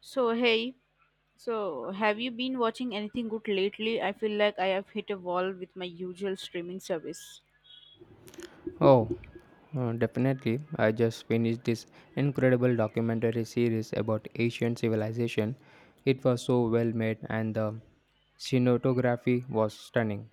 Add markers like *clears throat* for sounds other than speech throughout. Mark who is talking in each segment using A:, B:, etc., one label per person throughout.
A: So hey, so have you been watching anything good lately? I feel like I have hit a wall with my usual streaming service.
B: Oh, Definitely. I just finished this incredible documentary series about ancient civilization. It was so well made and the cinematography was stunning.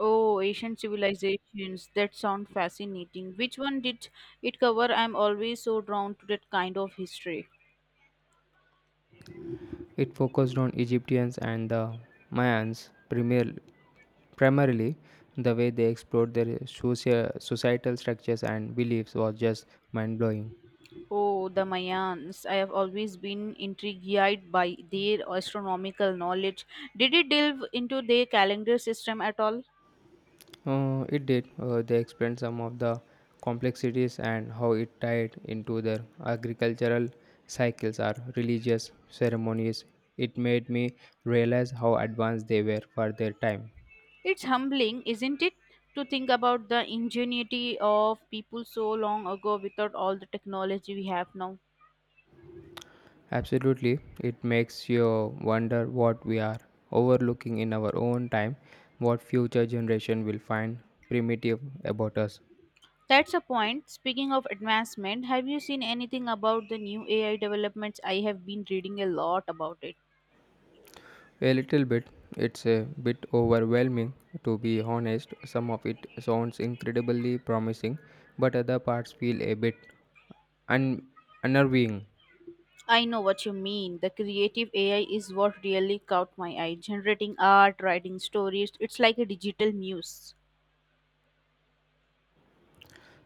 A: Oh, ancient civilizations, that sound fascinating. Which one did it cover? I'm always so drawn to that kind of history.
B: It focused on Egyptians and the Mayans, primarily the way they explored their societal structures and beliefs was just mind blowing.
A: Oh, the Mayans. I have always been intrigued by their astronomical knowledge. Did it delve into their calendar system at all?
B: It did. They explained some of the complexities and how it tied into their agricultural cycles or religious ceremonies. It made me realize how advanced they were for their time.
A: It's humbling, isn't it, to think about the ingenuity of people so long ago without all the technology we have now.
B: Absolutely, it makes you wonder what we are overlooking in our own time, what future generation will find primitive about us.
A: That's a point. Speaking of advancement, have you seen anything about the new AI developments? I have been reading a lot about it.
B: A little bit. It's a bit overwhelming, to be honest. Some of it sounds incredibly promising, but other parts feel a bit un- unnerving.
A: I know what you mean. The creative AI is what really caught my eye. Generating art, writing stories, it's like a digital muse.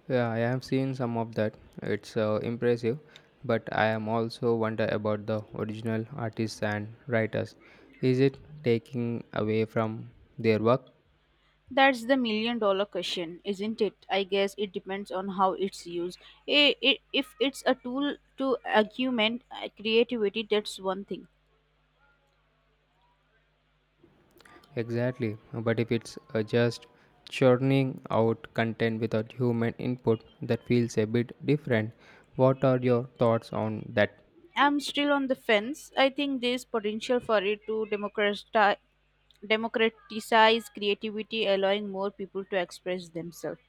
B: Yeah, I have seen some of that. It's impressive, but I am also wonder about the original artists and writers. Is it taking away from their work?
A: That's the million dollar question, isn't it? I guess it depends on how it's used. If it's a tool to augment creativity, that's one thing.
B: Exactly, but if it's just churning out content without human input, that feels a bit different. What are your thoughts on that?
A: I'm still on the fence. I think there's potential for it to democratize creativity, allowing more people to express themselves.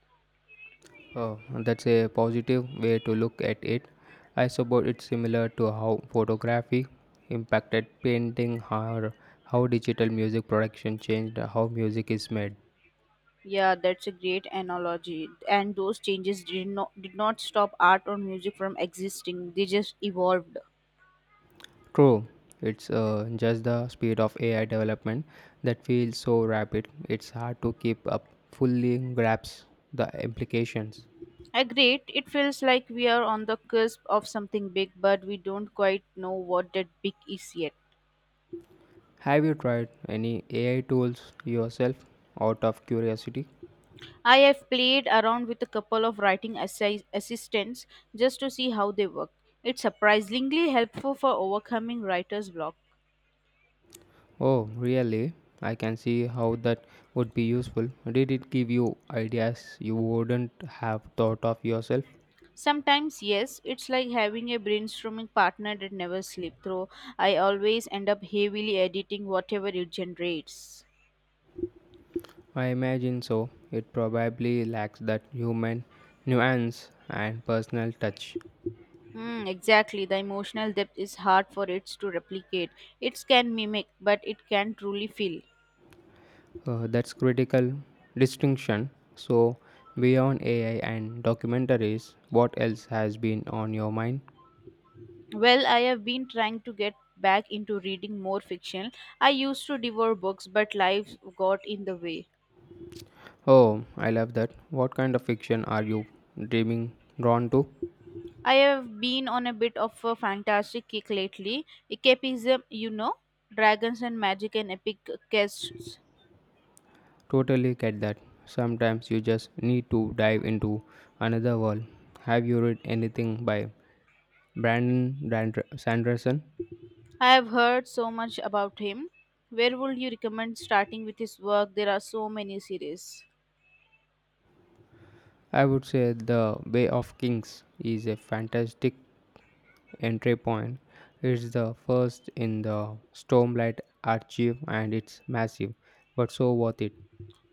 B: Oh, that's a positive way to look at it. I suppose it's similar to how photography impacted painting or how digital music production changed how music is made.
A: Yeah, that's a great analogy. And those changes did not stop art or music from existing. They just evolved.
B: True, it's just the speed of AI development that feels so rapid, it's hard to keep up, fully grasp the implications.
A: Agreed, it feels like we are on the cusp of something big, but we don't quite know what that big is yet.
B: Have you tried any AI tools yourself out of curiosity?
A: I have played around with a couple of writing assistants just to see how they work. It's surprisingly helpful for overcoming writer's block.
B: Oh, really? I can see how that would be useful. Did it give you ideas you wouldn't have thought of yourself?
A: Sometimes, yes, it's like having a brainstorming partner that never sleeps, though I always end up heavily editing whatever it generates.
B: I imagine so. It probably lacks that human nuance and personal touch.
A: Hmm. Exactly. The emotional depth is hard for it to replicate. It can mimic, but it can truly feel.
B: That's critical distinction. So, beyond AI and documentaries, what else has been on your mind?
A: Well, I have been trying to get back into reading more fiction. I used to devour books, but life got in the way.
B: Oh, I love that. What kind of fiction are you dreaming drawn to?
A: I have been on a bit of a fantastic kick lately. Escapism, you know, dragons and magic and epic quests.
B: Totally get that. Sometimes you just need to dive into another world. Have you read anything by Brandon Sanderson?
A: I have heard so much about him. Where would you recommend starting with his work? There are so many series.
B: I would say The Way of Kings is a fantastic entry point. It's the first in the Stormlight archive and it's massive, but so worth it.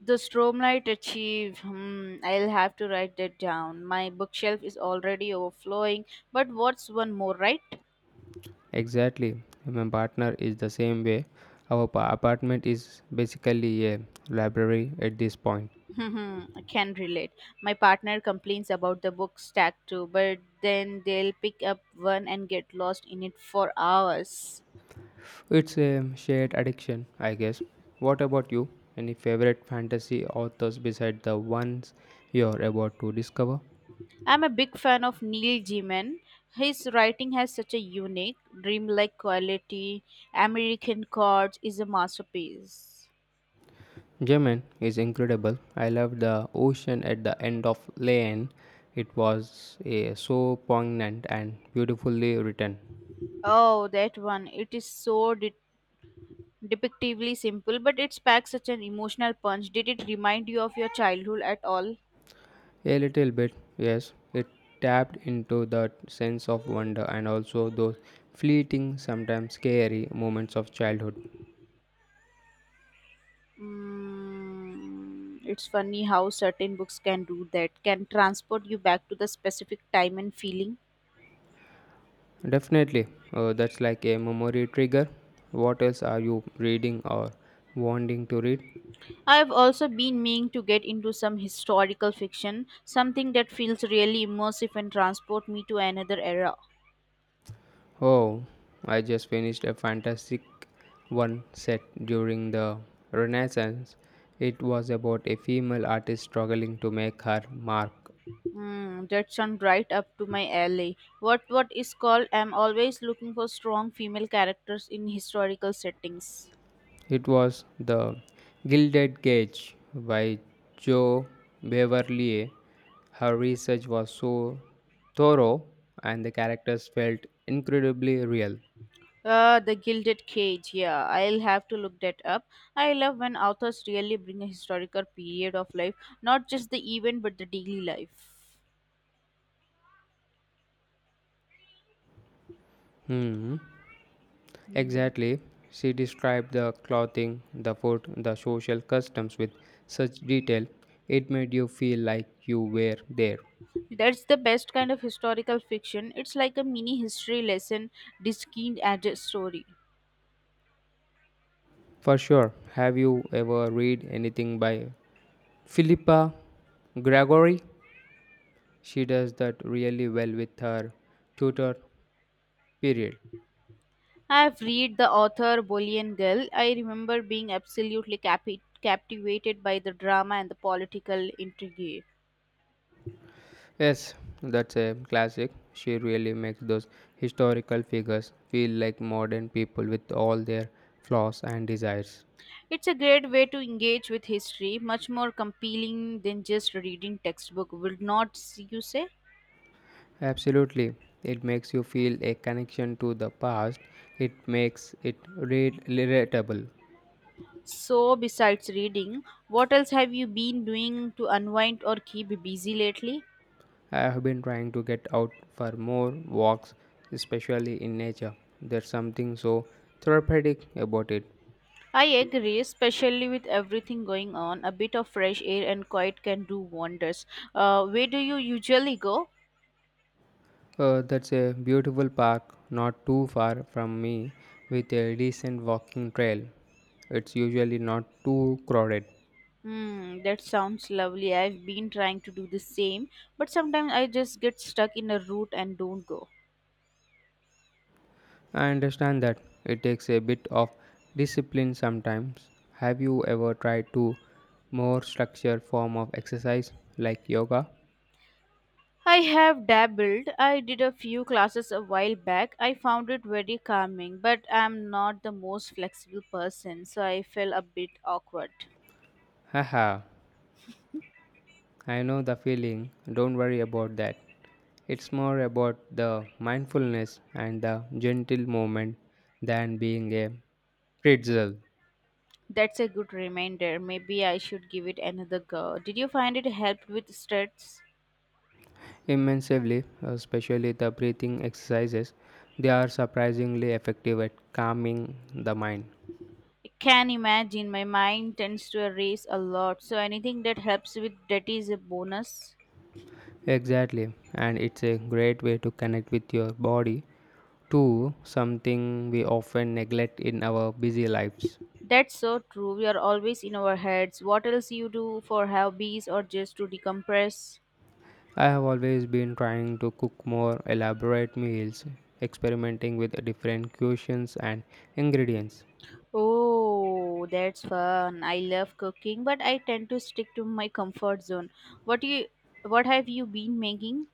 A: The Strobe Light Achieve. Hmm, I'll have to write that down. My bookshelf is already overflowing. But what's one more, right?
B: Exactly. My partner is the same way. Our apartment is basically a library at this point.
A: *laughs* I can relate. My partner complains about the book stack too, but then they'll pick up one and get lost in it for hours.
B: It's a shared addiction, I guess. What about you? Any favorite fantasy authors beside the ones you're about to discover?
A: I'm a big fan of Neil Gaiman. His writing has such a unique, dreamlike quality. American Gods is a masterpiece.
B: Yemen is incredible. I love the ocean at the end of Lane. It was so poignant and beautifully written.
A: Oh, that one. It is so Depictively simple, but it packs such an emotional punch. Did it remind you of your childhood at all?
B: A little bit, yes, it tapped into that sense of wonder and also those fleeting, sometimes scary moments of childhood.
A: Mm, it's funny how certain books can do that, can transport you back to the specific time and feeling.
B: Definitely, that's like a memory trigger. What else are you reading or wanting to read?
A: I have also been meaning to get into some historical fiction, something that feels really immersive and transport me to another era.
B: Oh, I just finished a fantastic one set during the Renaissance. It was about a female artist struggling to make her mark.
A: Hmm, that sounds right up to my alley. What is called? I'm always looking for strong female characters in historical settings.
B: It was The Gilded Cage by Joe Beverley. Her research was so thorough and the characters felt incredibly real.
A: The Gilded Cage. Yeah, I'll have to look that up. I love when authors really bring a historical period of life, not just the event but the daily life.
B: Hmm.
A: Hmm.
B: Exactly. She described the clothing, the food, the social customs with such detail. It made you feel like you were there.
A: That's the best kind of historical fiction. It's like a mini history lesson diskined as a story.
B: For sure. Have you ever read anything by Philippa Gregory? She does that really well with her Tudor period.
A: I've read the author Bolian Girl. I remember being absolutely captivated by the drama and the political intrigue.
B: Yes, that's a classic. She really makes those historical figures feel like modern people with all their flaws and desires.
A: It's a great way to engage with history, much more compelling than just reading textbook, will not you say?
B: Absolutely. It makes you feel a connection to the past. It makes it relatable.
A: So, besides reading, what else have you been doing to unwind or keep busy lately?
B: I have been trying to get out for more walks, especially in nature. There's something so therapeutic about it.
A: I agree, especially with everything going on, a bit of fresh air and quiet can do wonders. Where do you usually go?
B: That's a beautiful park not too far from me with a decent walking trail. It's usually not too crowded.
A: Hmm, that sounds lovely. I've been trying to do the same, but sometimes I just get stuck in a route and don't go.
B: I understand that it takes a bit of discipline sometimes. Have you ever tried to more structured form of exercise like yoga?
A: I have dabbled. I did a few classes a while back. I found it very calming, but I'm not the most flexible person, so I felt a bit awkward.
B: Haha, I know the feeling. Don't worry about that. It's more about the mindfulness and the gentle movement than being a pretzel.
A: That's a good reminder. Maybe I should give it another go. Did you find it helped with stress?
B: Immensely, especially the breathing exercises, they are surprisingly effective at calming the mind.
A: I can imagine my mind tends to erase a lot, so anything that helps with that is a bonus.
B: Exactly, and it's a great way to connect with your body too, something we often neglect in our busy lives.
A: That's so true. We are always in our heads. What else you do for hobbies or just to decompress?
B: I have always been trying to cook more elaborate meals, experimenting with different cuisines and ingredients.
A: Oh, that's fun. I love cooking, but I tend to stick to my comfort zone. What you what have you been making?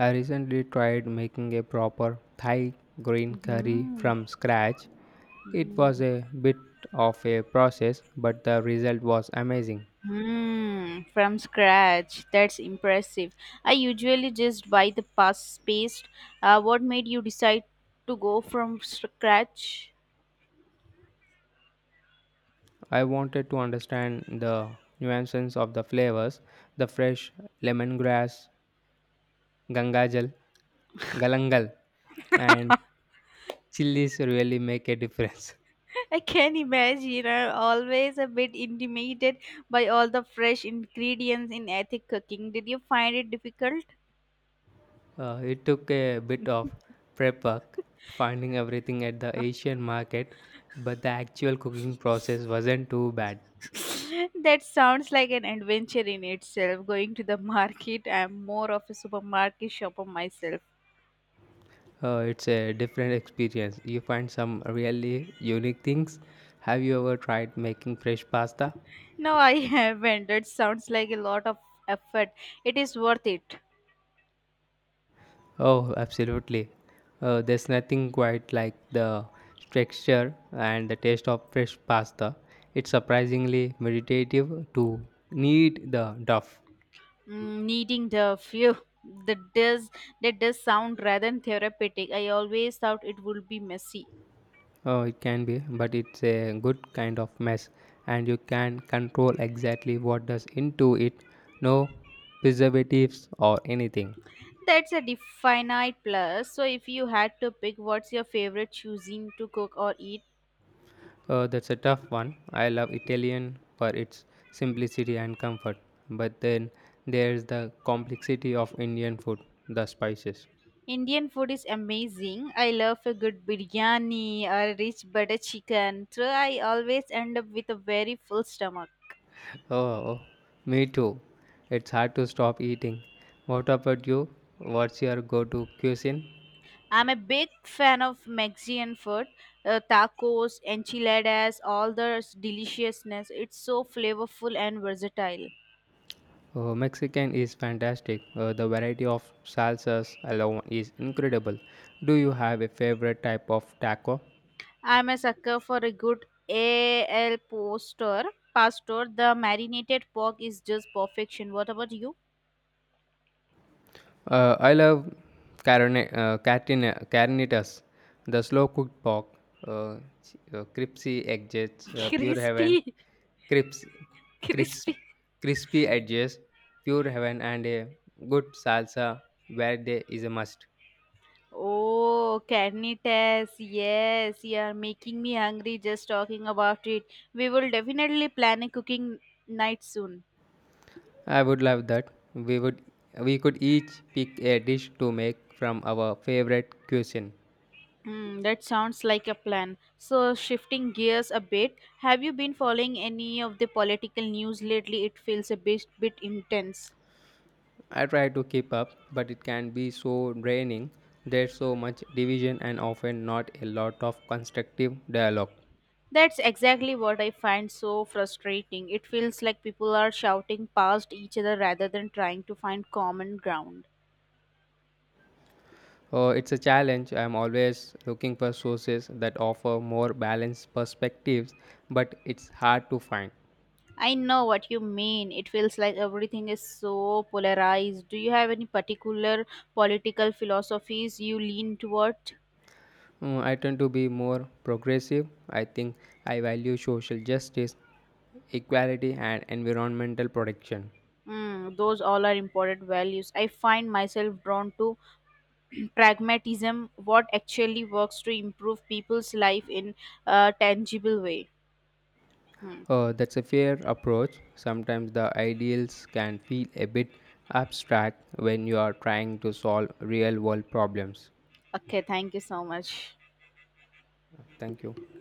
B: I recently tried making a proper Thai green curry
A: Mm-hmm.
B: from scratch. It was
A: Mm.
B: a bit of a process, but the result was amazing.
A: Hmm, from scratch. That's impressive. I usually just buy the past paste. What made you decide to go from scratch?
B: I wanted to understand the nuances of the flavors, the fresh lemongrass, gangajal, galangal,
A: *laughs*
B: and chilies really make a difference. *laughs*
A: I can imagine. I'm always a bit intimidated by all the fresh ingredients in ethnic cooking. Did you find it difficult?
B: It took a bit of prep work, finding everything at the Asian market, but the actual cooking process wasn't too bad.
A: *laughs* That sounds like an adventure in itself. Going to the market, I'm more of a supermarket shopper myself.
B: It's a different experience. You find some really unique things. Have you ever tried making fresh pasta?
A: No, I haven't. That sounds like a lot of effort. It is worth it.
B: Oh, absolutely. There's nothing quite like the texture and the taste of fresh pasta. It's surprisingly meditative to knead the dough.
A: Mm, needing the few that does that does sound rather therapeutic. I always thought it would be messy.
B: Oh, it can be, but it's a good kind of mess, and you can control exactly what does into it. No preservatives or anything.
A: That's a definite plus. So if you had to pick, what's your favorite choosing to cook or eat?
B: That's a tough one. I love Italian for its simplicity and comfort. But then there's the complexity of Indian food, the spices.
A: Indian food is amazing. I love a good biryani or a rich butter chicken. So I always end up with a very full stomach.
B: Oh, me too. It's hard to stop eating. What about you? What's your go to cuisine?
A: I'm a big fan of Mexican food, tacos, enchiladas, all the deliciousness. It's so flavorful and versatile.
B: Oh, Mexican is fantastic. The variety of salsas alone is incredible. Do you have a favorite type of taco?
A: I'm a sucker for a good AL poster. Pastor, the marinated pork is just perfection. What about you?
B: I love carnitas, the slow cooked pork, uh, crispy edges,
A: *laughs*
B: pure heaven,
A: Crispy,
B: crisp,
A: *laughs*
B: crisp,
A: crispy.
B: crispy edges, pure heaven, and a good salsa where they is a must.
A: Oh, carnitas. Yes, you are making me hungry just talking about it. We will definitely plan a cooking night soon.
B: I would love that. We could each pick a dish to make from our favorite cuisine.
A: Hmm, that sounds like a plan. So, shifting gears a bit, have you been following any of the political news lately? It feels a bit, bit intense.
B: I try to keep up, but it can be so draining. There's so much division and often not a lot of constructive dialogue.
A: That's exactly what I find so frustrating. It feels like people are shouting past each other rather than trying to find common ground.
B: It's a challenge. I'm always looking for sources that offer more balanced perspectives, but it's hard to find.
A: I know what you mean. It feels like everything is so polarized. Do you have any particular political philosophies you lean toward?
B: Mm, I tend to be more progressive. I think I value social justice, equality, and environmental protection.
A: Mm, those all are important values. I find myself drawn to *clears throat* pragmatism, what actually works to improve people's life in a tangible way. Hmm.
B: That's a fair approach. Sometimes the ideals can feel a bit abstract when you are trying to solve real world problems.
A: Okay, thank you so much.
B: Thank you.